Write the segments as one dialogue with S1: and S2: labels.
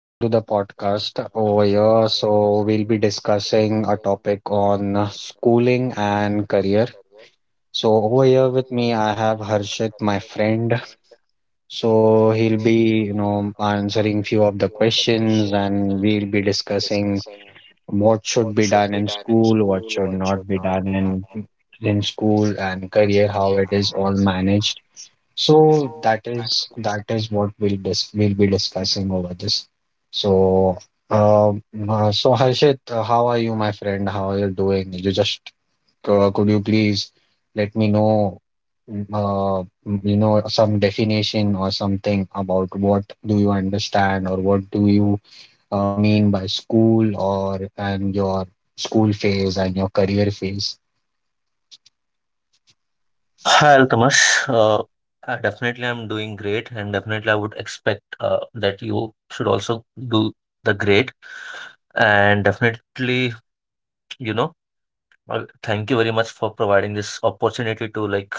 S1: Welcome to the podcast over here. So, we'll be discussing a topic on schooling and career. So, over here with me, I have Harshit, my friend. So, he'll be, you know, answering few of the questions and we'll be discussing what should be done in school, what should not be done in school and career, how it is all managed. So that is what we'll be discussing over this. So um so Harshit, how are you, my friend? How are you doing? You just Could you please let me know you know, some definition or something about what do you understand or what do you mean by school or and your school phase and your career phase.
S2: Hi, Altamash. Definitely, I'm doing great, and definitely, I would expect that you should also do the great. And definitely, you know, thank you very much for providing this opportunity to like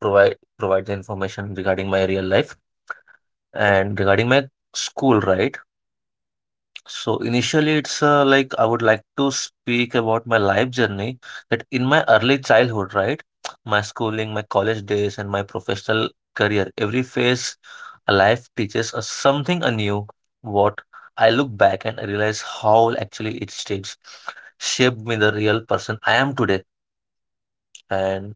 S2: provide the information regarding my real life and regarding my school, right? So initially, it's like I would like to speak about my life journey that in my early childhood, right? My schooling, my college days, and my professional career, every phase of life teaches us something anew. What I look back and I realize how actually it stage shaped me the real person I am today. And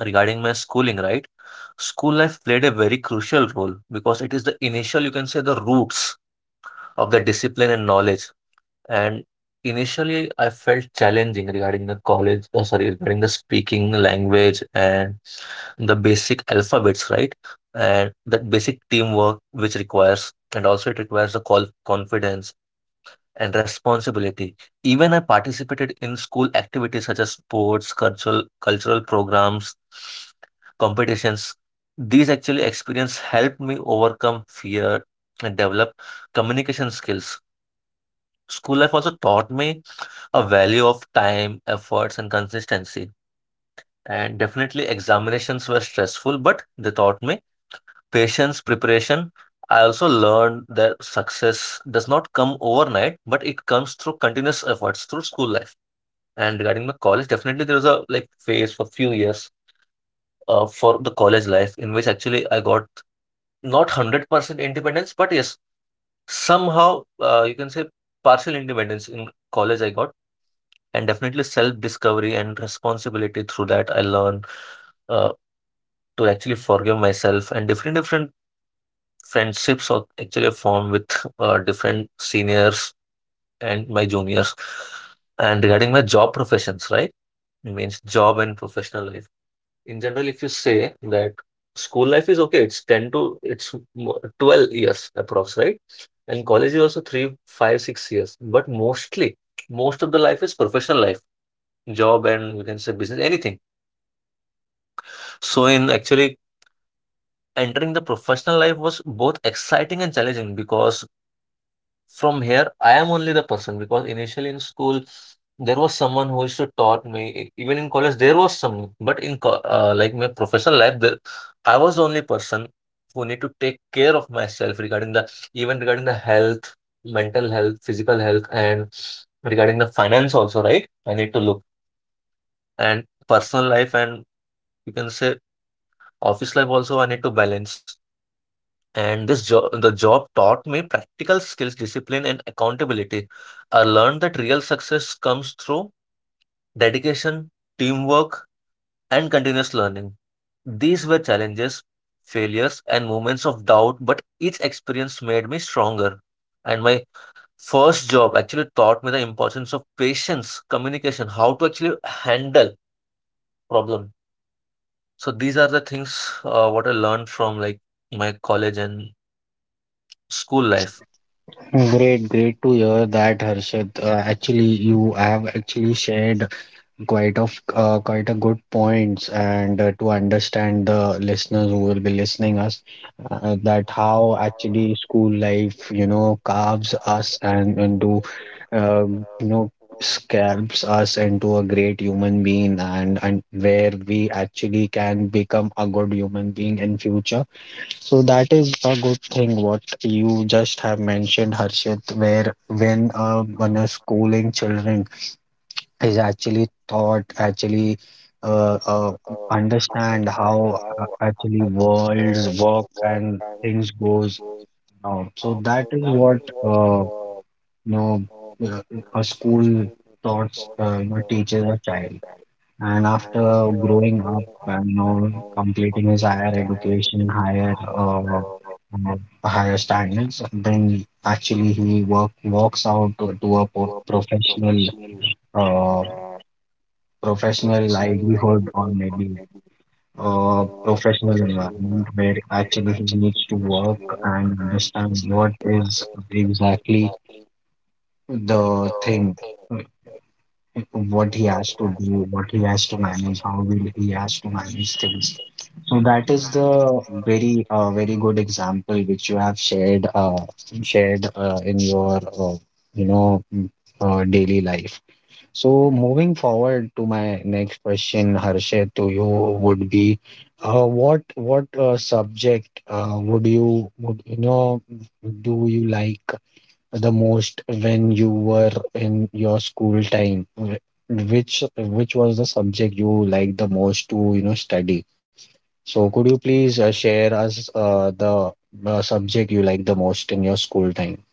S2: regarding my schooling, right? School life played a very crucial role because it is the initial, you can say, the roots of the discipline and knowledge, and initially, I felt challenging regarding the college, sorry, regarding the speaking language and the basic alphabets, right? And that basic teamwork, which requires, and also it requires the call confidence and responsibility. Even I participated in school activities such as sports, cultural programs, competitions. These actually experience helped me overcome fear and develop communication skills. School life also taught me a value of time, efforts, and consistency. And definitely, examinations were stressful, but they taught me patience, preparation. I also learned that success does not come overnight, but it comes through continuous efforts through school life. And regarding my college, definitely there was a like phase for few years for the college life in which actually I got not 100% independence, but yes, somehow you can say partial independence in college I got, and definitely self-discovery and responsibility through that I learn uh, to actually forgive myself, and different friendships are actually formed with different seniors and my juniors. And regarding my job professions, right? It means job and professional life. In general, if you say that school life is okay, it's 10 to 12 years approx, right? And college is also 3, 5, 6 years. But mostly, most of the life is professional life, job and you can say business, anything. So in actually entering the professional life was both exciting and challenging because from here I am only the person, because initially in school there was someone who used to taught me, even in college there was some, but like my professional life there, I was the only person who need to take care of myself regarding the, even regarding the health, mental health, physical health, and regarding the finance also, right, I need to look, and personal life, and you can say office life also I need to balance. And this job, the job taught me practical skills, discipline, and accountability. I learned that real success comes through dedication, teamwork, and continuous learning. These were challenges, failures, and moments of doubt, but each experience made me stronger. And my first job actually taught me the importance of patience, communication, how to actually handle problem. So these are the things what I learned from like my college and school life.
S1: Great, great to hear that, Harshad. Actually, you have actually shared quite of quite a good points, and to understand the listeners who will be listening us, that how actually school life, you know, carves us and into, you know, scalps us into a great human being, and where we actually can become a good human being in future. So that is a good thing what you just have mentioned, Harshit, where when a schooling children is actually thought actually uh, uh, understand how actually worlds work and things goes now, so that is what you know uh, a school thoughts you know, teaches a child and after growing up and you know completing his higher education higher uh, higher standards, then actually he work walks out to a professional uh, professional livelihood or maybe a professional environment where actually he needs to work and understand what is exactly the thing, uh, what he has to do, what he has to manage, how will he has to manage things. So that is the very very good example which you have shared in your you know daily life. So moving forward to my next question, Harshit, to you would be, what subject would you know do you like the most when you were in your school time? Which was the subject you liked the most to you know study? So could you please share us the subject you liked the most in your school time?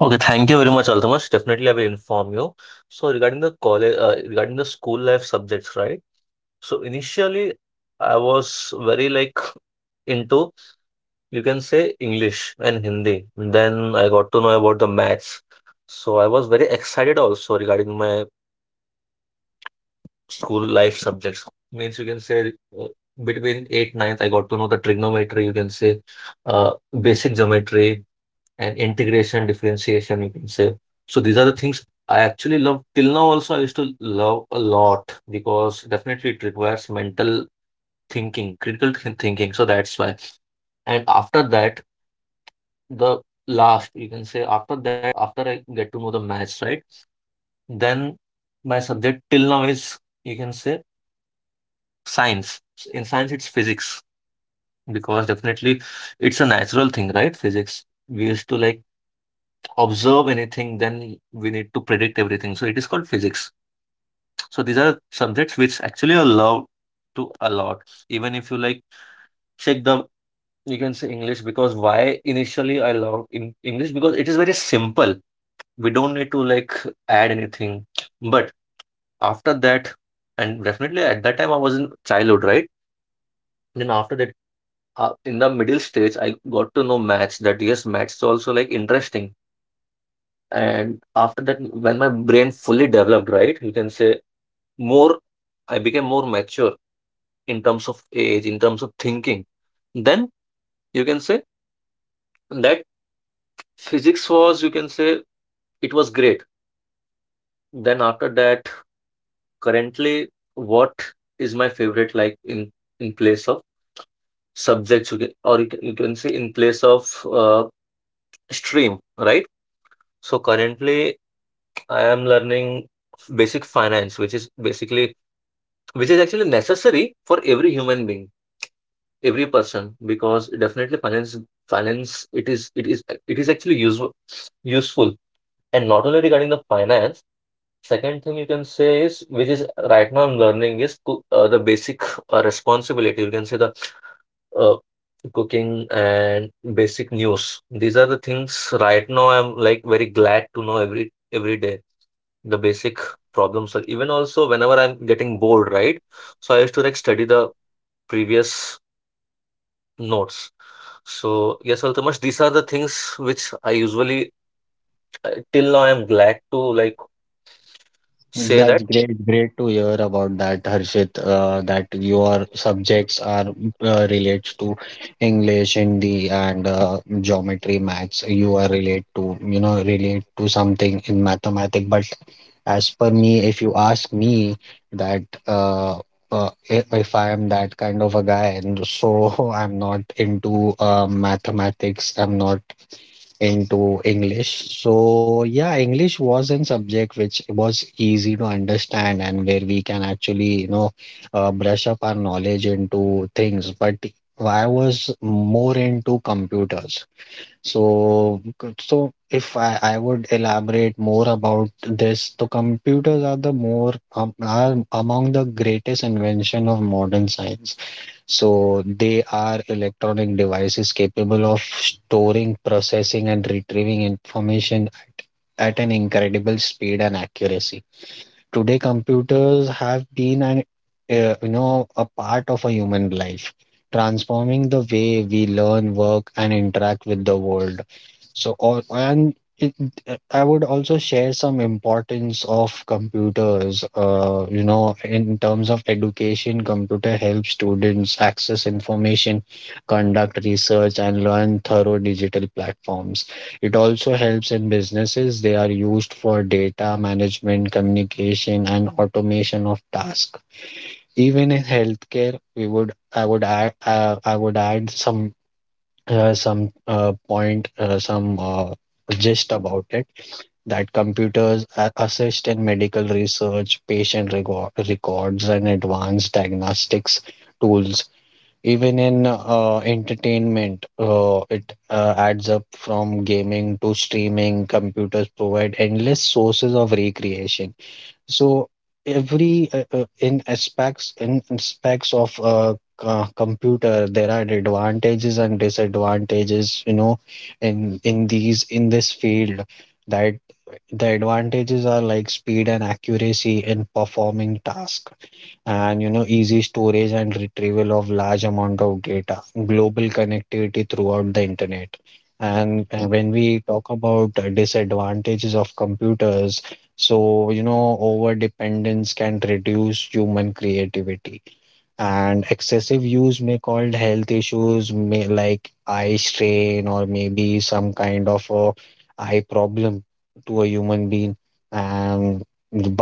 S2: Okay, thank you very much, Altamash. Definitely, I will inform you. So regarding the college, regarding the school life subjects, right? So initially, I was very like into, you can say, English and Hindi. Then I got to know about the maths. So I was very excited also regarding my school life subjects. Means you can say uh, between 8th, ninth, I got to know the trigonometry, you can say uh, basic geometry, and integration, differentiation, you can say. So these are the things I actually love. Till now, also I used to love a lot, because definitely it requires mental thinking, critical thinking. So that's why. And after that, the last, you can say after that, after I get to know the maths, right? Then my subject till now is, you can say, science. In science, it's physics, because definitely it's a natural thing, right? Physics. We used to like observe anything, then we need to predict everything. So it is called physics. So these are subjects which actually are loved to a lot. Even if you like check the, you can say English, because why initially I love in English, because it is very simple. We don't need to like add anything. But after that, and definitely at that time I was in childhood, right? Then after that, in the middle stage, I got to know maths. That yes, maths is also like interesting. And after that, when my brain fully developed, right, you can say more, I became more mature in terms of age, in terms of thinking. Then you can say that physics was, you can say it was great. Then after that, currently, what is my favorite like in place of subjects, you can, or you can say in place of uh, stream, right? So currently, I am learning basic finance, which is basically, which is actually necessary for every human being, every person, because definitely finance, it is it is actually useful. And not only regarding the finance, second thing you can say is which is right now I'm learning is cook, the basic responsibility. You can say the uh, cooking and basic news. These are the things right now I'm like very glad to know every day. The basic problems are even also whenever I'm getting bored, right? So I used to like study the previous notes. So yes, Altamash, these are the things which I usually till now I'm glad to like say that.
S1: That's great, great to hear about that, Harshit. That your subjects are relates to English, Hindi, and geometry, maths. You are relate to, you know, relate to something in mathematics. But as per me, if you ask me that if I am that kind of a guy, and so I'm not into mathematics. I'm not into English. So, yeah, English was an subject which was easy to understand and where we can actually, you know, brush up our knowledge into things. But I was more into computers. So, so if I, I would elaborate more about this. The computers are the more are among the greatest invention of modern science. So they are electronic devices capable of storing, processing, and retrieving information at an incredible speed and accuracy. Today, computers have been an you know, a part of a human life, transforming the way we learn, work, and interact with the world. So, or and it, I would also share some importance of computers. You know, in terms of education, computer helps students access information, conduct research, and learn thorough digital platforms. It also helps in businesses. They are used for data management, communication, and automation of tasks. Even in healthcare, we would I would add some uh, some uh, point, uh, some uh, gist about it that computers assist in medical research, patient records, and advanced diagnostics tools. Even in entertainment, it adds up from gaming to streaming. Computers provide endless sources of recreation. So every in aspects of computer, there are advantages and disadvantages, you know, in this field, that the advantages are like speed and accuracy in performing task, and you know, easy storage and retrieval of large amount of data, global connectivity throughout the internet. And when we talk about disadvantages of computers, so, you know, over dependence can reduce human creativity, and excessive use may cause health issues, may like eye strain or maybe some kind of a eye problem to a human being. And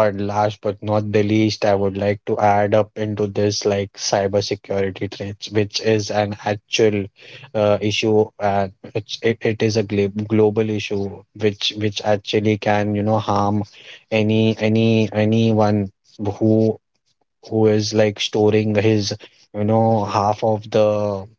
S1: but last but not the least, I would like to add up into this like cybersecurity threats, which is an actual issue, and it is a global issue which actually can you know harm anyone who who is like storing his, you know, half of the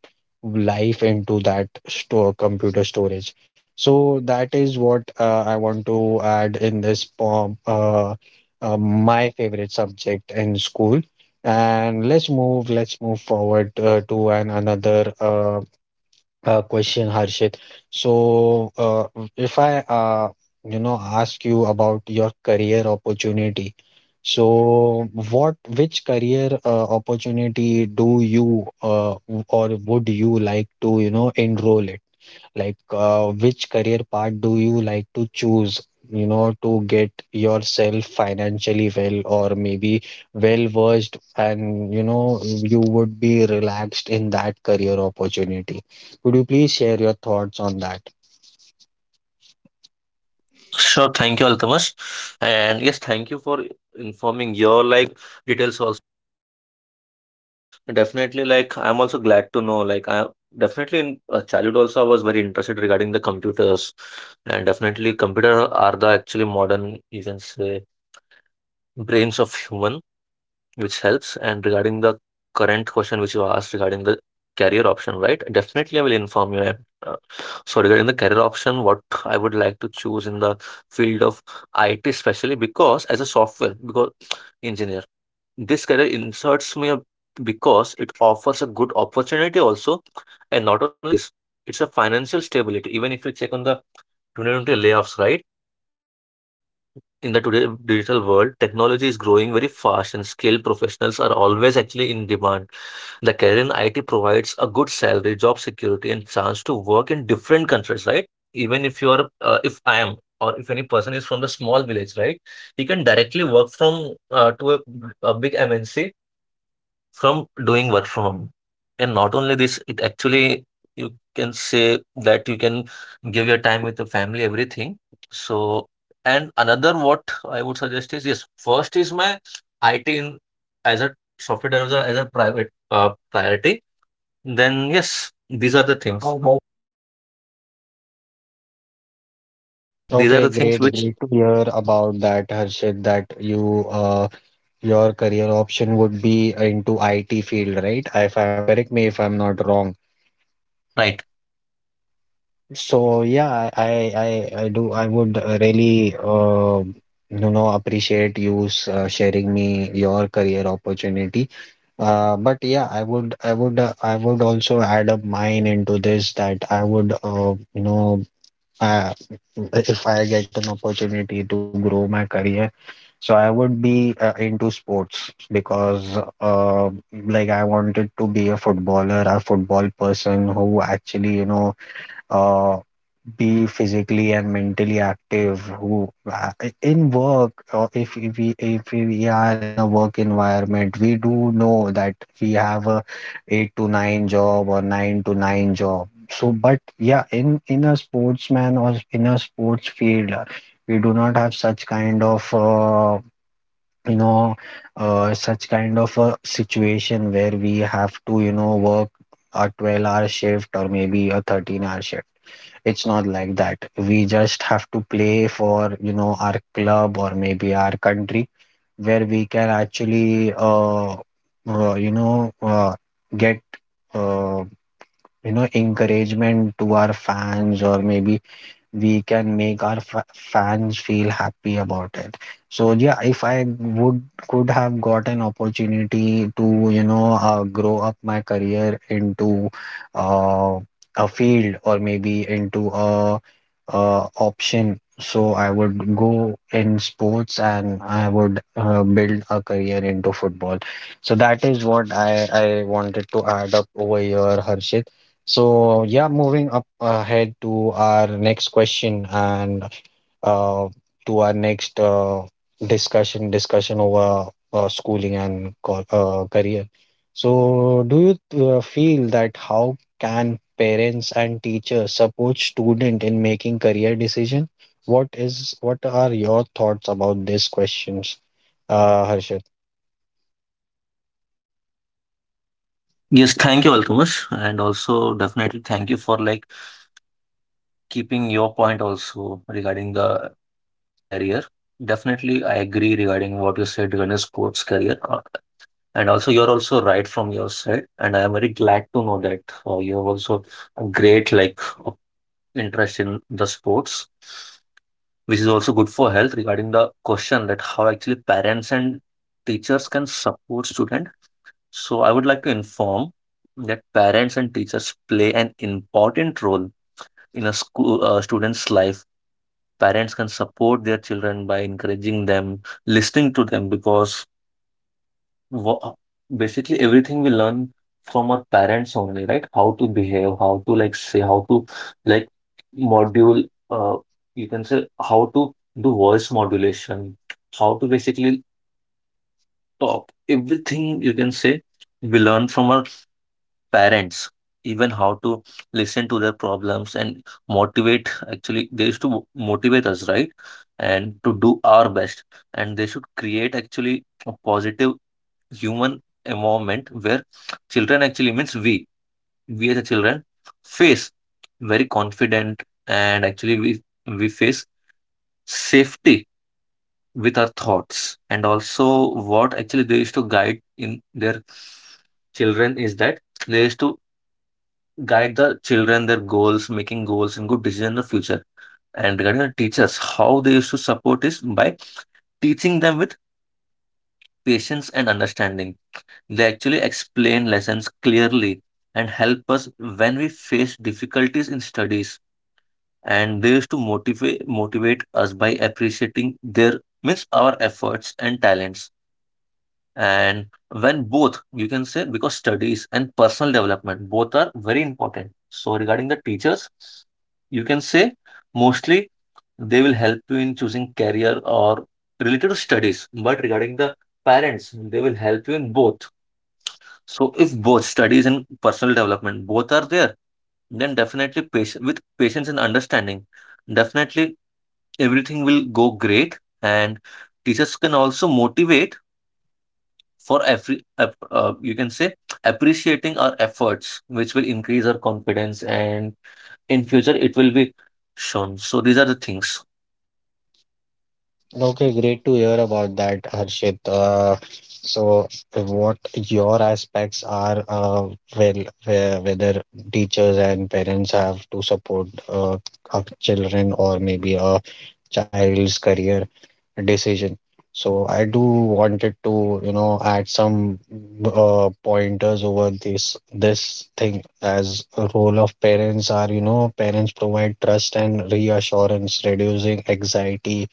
S1: life into that store computer storage. So that is what I want to add in this poem, my favorite subject in school. And let's move forward to an another question, Harshit. So, if I, you know, ask you about your career opportunity. So what, which career opportunity do you or would you like to, you know, enroll in? Like, which career path do you like to choose, you know, to get yourself financially well or maybe well versed and, you know, you would be relaxed in that career opportunity? Could you please share your thoughts on that?
S2: Sure, thank you, Altamash. And yes, thank you for informing your like details also. Definitely, like I'm also glad to know. Like I definitely in childhood also I was very interested regarding the computers, and definitely computer are the actually modern you can say brains of human. Which helps. And regarding the current question which you asked regarding the career option, right? Definitely, I will inform you. Uh, So regarding the career option, what I would like to choose in the field of IT, especially because as a software because engineer, this career inserts me because it offers a good opportunity also, and not only this, it's a financial stability. Even if you check on the 2020 layoffs, right? In the today digital world, technology is growing very fast and skilled professionals are always actually in demand. The career in IT provides a good salary, job security, and chance to work in different countries, right? Even if if I am, or if any person is from the small village, right? He can directly work from a big MNC from doing work from home. And not only this, it actually you can say that you can give your time with the family, everything. So, and another what I would suggest is yes, first is my IT in, as a software developer as a private priority. Then yes, these are the things. These are the
S1: Okay,
S2: things
S1: great,
S2: which
S1: great to hear about that, Harshit, that your career option would be into IT field, right? If I'm correct me if I'm not wrong.
S2: Right.
S1: So yeah, I would really you know, appreciate you sharing me your career opportunity. But yeah, I would also add up mine into this, that I would uh, if I get an opportunity to grow my career, so I would be into sports, because like I wanted to be a footballer, a football person who actually you know uh, be physically and mentally active, who in work, or if we are in a work environment, we do know that we have a 8 to 9 job or 9 to 9 job. So but yeah, in a sportsman or in a sports field, we do not have such kind of you know such kind of a situation where we have to you know work a 12-hour shift or maybe a 13-hour shift. It's not like that. We just have to play for, you know, our club or maybe our country, where we can actually, uh, you know, uh, get, uh, you know, encouragement to our fans, or maybe we can make our fans feel happy about it. So yeah, if I would could have got an opportunity to you know grow up my career into uh, a field or maybe into a option, so I would go in sports and I would build a career into football. So that is what I wanted to add up over here, Harshit. So yeah, moving up ahead to our next question and uh, to our next discussion over schooling and career. So do you feel that how can parents and teachers support student in making career decision? What are your thoughts about these questions, Harshit?
S2: Yes, thank you, Alchemist. And also definitely thank you for like keeping your point also regarding the career. Definitely, I agree regarding what you said regarding sports career. And also, you're also right from your side. And I am very glad to know that you have also a great like uh, interest in the sports, which is also good for health regarding the question that how actually parents and teachers can support student. So I would like to inform that parents and teachers play an important role in a school student's life. Parents can support their children by encouraging them, listening to them, because wha- basically everything we learn from our parents only, right? How to behave, how to like say, how to like module, uh, you can say how to do voice modulation, how to basically talk. Everything you can say we learn from our parents, even how to listen to their problems and motivate. Actually, they used to motivate us, right? And to do our best. And they should create actually a positive human environment where children actually means we as a children face very confident, and actually we face safety with our thoughts, and also what actually they used to guide in their children is that they used to guide the children, their goals, making goals and good decision in the future. And regarding the teachers, how they used to support is by teaching them with patience and understanding. They actually explain lessons clearly and help us when we face difficulties in studies. And they used to motivate us by appreciating their means our efforts and talents. And when both, you can say, because studies and personal development both are very important. So regarding the teachers, you can say mostly they will help you in choosing career or related to studies. But regarding the parents, they will help you in both. So if both studies and personal development both are there, then definitely patient with patience and understanding, definitely everything will go great. And teachers can also motivate for you can say appreciating our efforts, which will increase our confidence, and in future it will be shown. So these are the things.
S1: Okay, great to hear about that, Harshit. So, what your aspects are, well, where, whether teachers and parents have to support our children or maybe a child's career decision. So, I do wanted to, you know, add some pointers over this thing, as a role of parents are, you know, parents provide trust and reassurance, reducing anxiety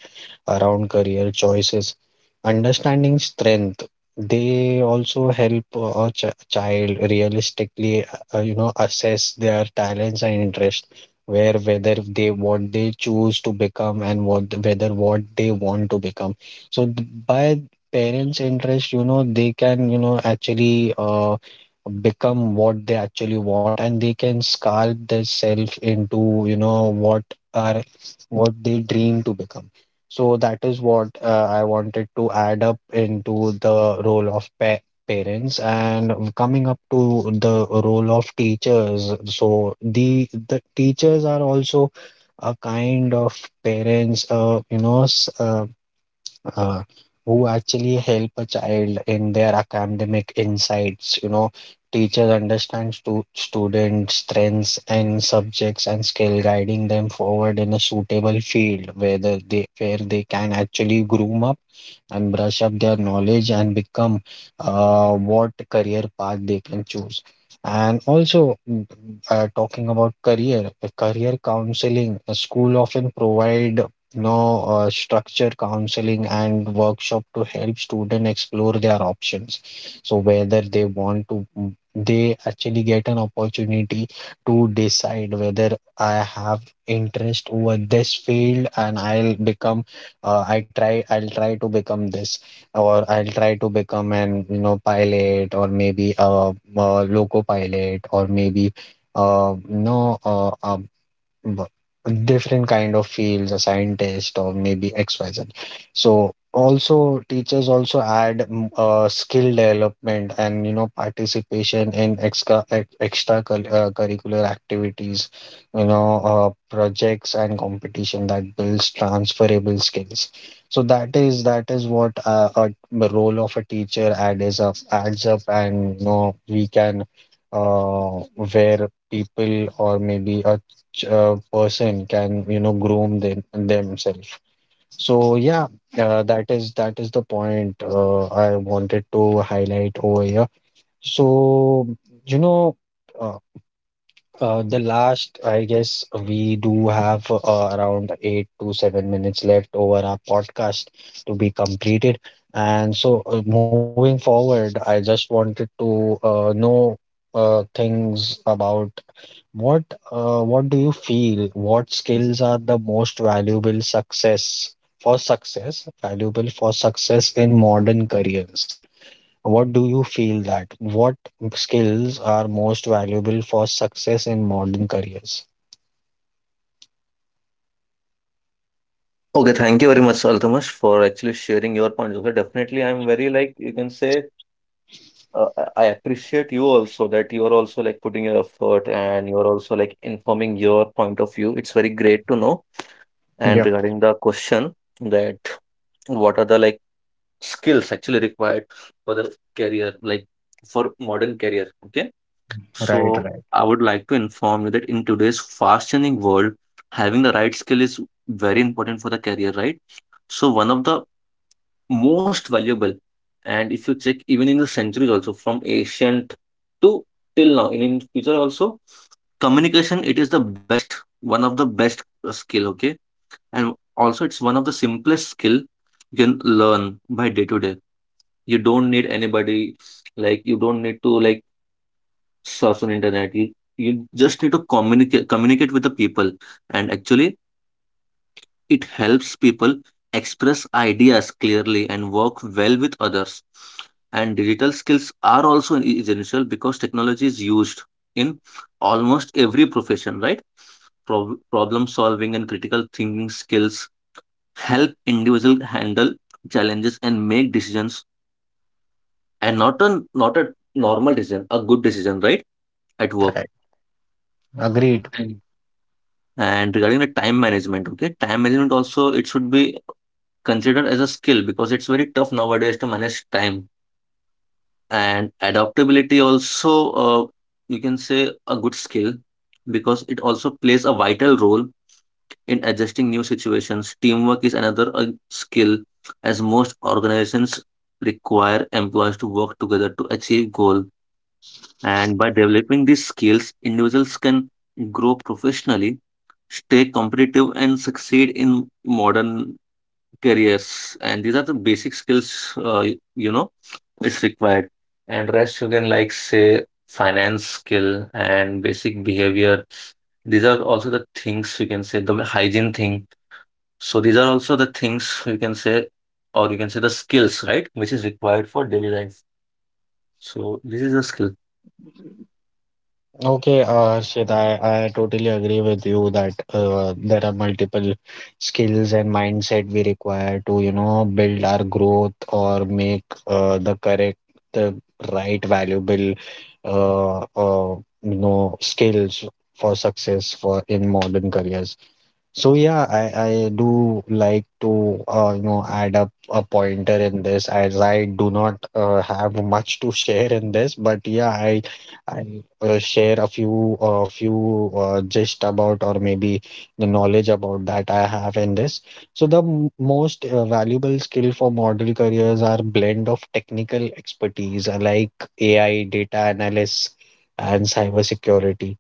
S1: around career choices. Understanding strength, they also help a child realistically, you know, assess their talents and interest, where whether they what they choose to become and what whether what they want to become. So by parents' interest, you know, they can, you know, actually become what they actually want, and they can sculpt themselves into you know what are what they dream to become. So that is what I wanted to add up into the role of pa parents, and coming up to the role of teachers. So the teachers are also a kind of parents, uh, who actually help a child in their academic insights. Teachers understand students strengths and subjects and skill, guiding them forward in a suitable field whether they where they can actually groom up and brush up their knowledge and become what career path they can choose. And also talking about career counseling, a school often provide no, structure counseling and workshop to help students explore their options. So whether they want to, they actually get an opportunity to decide whether I have interest over this field and I'll become, I'll try to become this, or I'll try to become an, you know, pilot or maybe a loco pilot or maybe. No, b- Different kind of fields, a scientist or maybe xyz. So also teachers also add skill development and you know participation in curricular activities, you know, projects and competition that builds transferable skills. So that is what the role of a teacher adds up, and you know we can uh, where people or maybe a person can you know groom them themselves. So yeah, that is the point I wanted to highlight over here. So, you know, uh, the last I guess we do have around 8 to 7 minutes left over our podcast to be completed. And so moving forward, I just wanted to know things about what do you feel? What skills are the most valuable for success in modern careers? What do you feel that? What skills are most valuable for success in modern careers?
S2: Okay, thank you very much, Altamash, for actually sharing your points. Okay, definitely, I'm very like you can say uh, I appreciate you also that you are also like putting your effort and you are also like informing your point of view. It's very great to know. And
S1: Yep,
S2: regarding the question that what are the like skills actually required for the career, like for modern career. Okay.
S1: right,
S2: So
S1: right,
S2: I would like to inform you that in today's fast changing world, having the right skill is very important for the career, right? So one of the most valuable, and if you check even in the centuries also from ancient to till now, and in future also, communication it is the best, one of the best skill, okay? And also it's one of the simplest skill you can learn by day to day you don't need anybody, like you don't need to like search on internet. You just need to communicate with the people. And actually it helps people express ideas clearly and work well with others. And digital skills are also essential because technology is used in almost every profession, right? Problem solving and critical thinking skills help individual handle challenges and make decisions. And not a normal decision, a good decision, right? At work.
S1: right. Agreed.
S2: Mm. And regarding the time management, okay, time management also it should be considered as a skill because it's very tough nowadays to manage time. And adaptability also, you can say a good skill because it also plays a vital role in adjusting new situations. Teamwork is another skill as most organizations require employees to work together to achieve goal. And by developing these skills, individuals can grow professionally, stay competitive, and succeed in modern careers. And these are the basic skills, you know, it's required. And rest you can like say finance skill and basic behavior. These are also the things you can say, the hygiene thing. So these are also the things you can say, or you can say the skills, right? Which is required for daily life. So this is the skill.
S1: Okay, Harshit, I totally agree with you that there are multiple skills and mindset we require to, you know, build our growth or make the correct, the right, valuable, you know, skills for success for in modern careers. So yeah, I do like to you know add up a pointer in this as I do not have much to share in this, but yeah, I share a few few gist about or maybe the knowledge about that I have in this. So the most valuable skill for model careers are blend of technical expertise like AI, data analysis, and cybersecurity.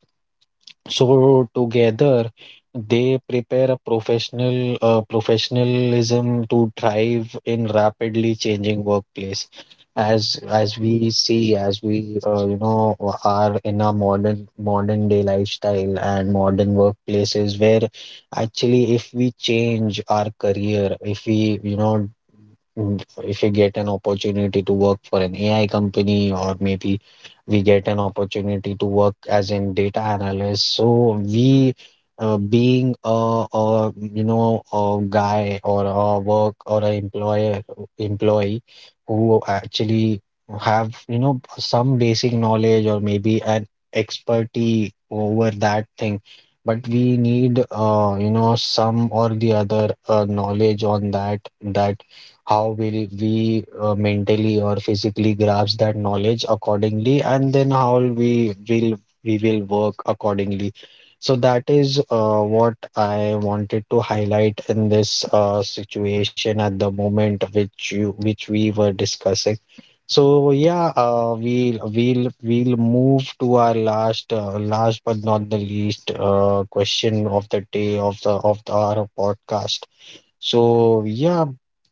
S1: So together they prepare a professionalism to thrive in rapidly changing workplace. As we see, as we you know are in a modern day lifestyle and modern workplaces, where actually if we change our career, if we you know if we get an opportunity to work for an AI company, or maybe we get an opportunity to work as in data analyst. So we, being a you know a guy or a work or a employer employee who actually have you know some basic knowledge or maybe an expertise over that thing. But we need, you know, some or the other knowledge on that how will we mentally or physically grasp that knowledge accordingly, and then how we will work accordingly. So that is what I wanted to highlight in this situation at the moment, which you which we were discussing. So yeah, we'll move to our last but not the least question of the day of our podcast. So yeah,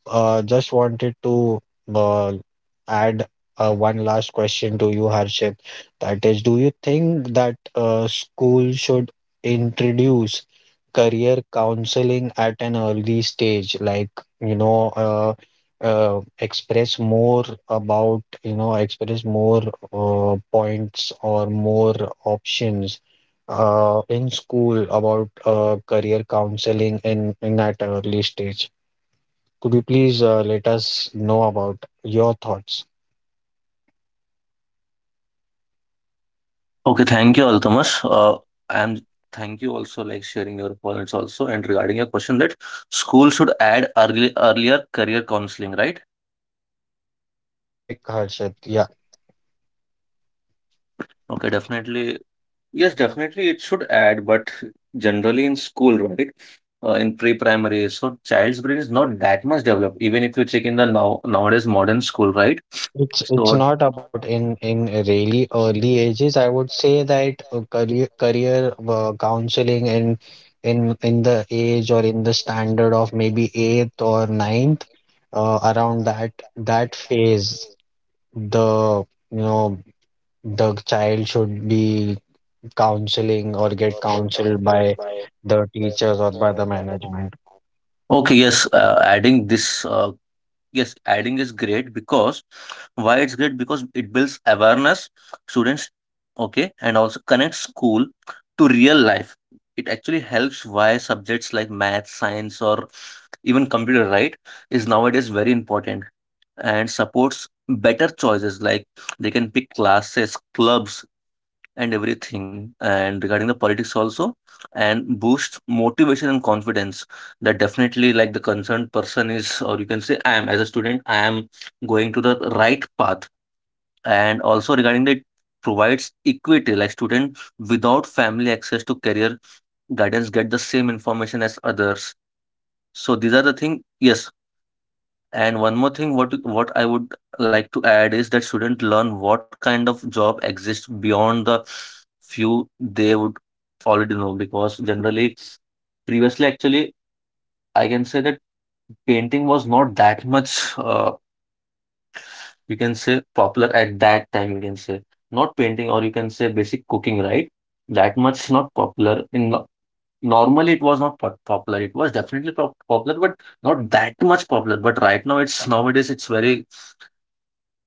S1: just wanted to uh, add one last question to you, Harshit. That is, do you think that school should introduce career counseling at an early stage like you know uh, express more about you know express more points or more options in school about career counseling in at early stage? Could you please let us know about your thoughts?
S2: Okay, thank you, Altamash. And thank you also like sharing your points also and regarding your question that school should add early earlier career counseling, right?
S1: Correct, Harshit. Yeah.
S2: Okay, definitely. Yes, definitely it should add, but generally in school, right? In pre-primary, so child's brain is not that much developed, even if you check in the now nowadays modern school, right?
S1: It's
S2: So
S1: not about in really early ages. I would say that career career counseling in the age or in the standard of maybe eighth or ninth, around that phase, the you know the child should be counseling or get counseled by the teachers or by the management.
S2: okay, yes, adding this yes, adding is great because why it's great because it builds awareness students, okay, and also connects school to real life. It actually helps why subjects like math, science, or even computer, right, is nowadays very important and supports better choices like they can pick classes, clubs and everything, and regarding the politics also, and boost motivation and confidence. That definitely, like the concerned person is, or you can say, I am as a student, I am going to the right path. And also regarding the it provides equity, like student without family access to career guidance get the same information as others. So these are the thing. Yes, and one more thing, what I would like to add is that students learn what kind of job exists beyond the few they would already know. Because generally, previously, actually, I can say that painting was not that much, you can say, popular at that time. You can say not painting, or you can say basic cooking, right? That much not popular. In no- Normally, it was not popular. It was definitely popular, but not that much popular. But right now, it's nowadays it's very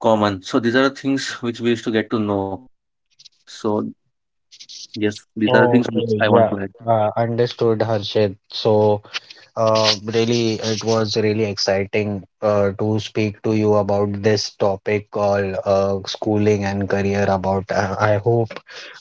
S2: common. So these are the things which we used to get to know. So yes, these are things which
S1: Okay,
S2: I want
S1: yeah,
S2: to add.
S1: understood, Harshit. So. Really, it was really exciting to speak to you about this topic called schooling and career. About I hope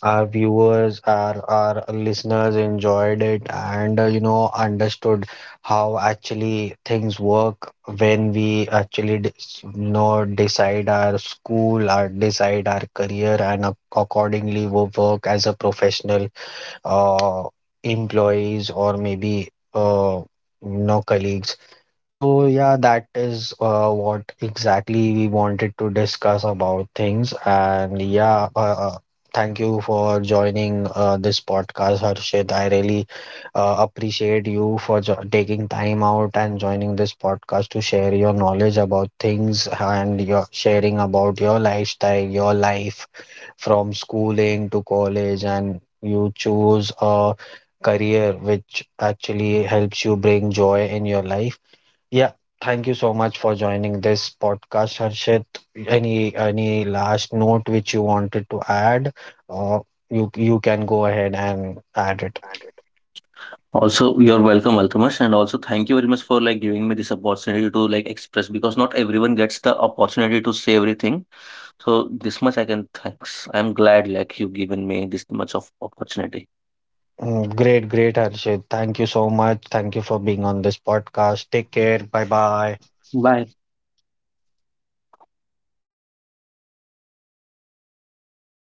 S1: our viewers, our listeners enjoyed it and you know understood how actually things work when we actually you know decide our school, our decide our career, and accordingly we work as a professional uh, employees or maybe uh, you know colleagues. So yeah, that is what exactly we wanted to discuss about things. And yeah, thank you for joining this podcast, Harshit. I really appreciate you for taking time out and joining this podcast to share your knowledge about things and your sharing about your lifestyle, your life, from schooling to college and you choose a career which actually helps you bring joy in your life. Yeah, thank you so much for joining this podcast, Harshit. Any last note which you wanted to add? Uh, you can go ahead and add it.
S2: Also, you're welcome, Altamash, and also thank you very much for like giving me this opportunity to like express because not everyone gets the opportunity to say everything. So this much I can thanks. I'm glad like you given me this much of opportunity.
S1: Mm. Great, great, Harshit. Thank you so much. Thank you for being on this podcast. Take care. Bye bye.
S2: Bye.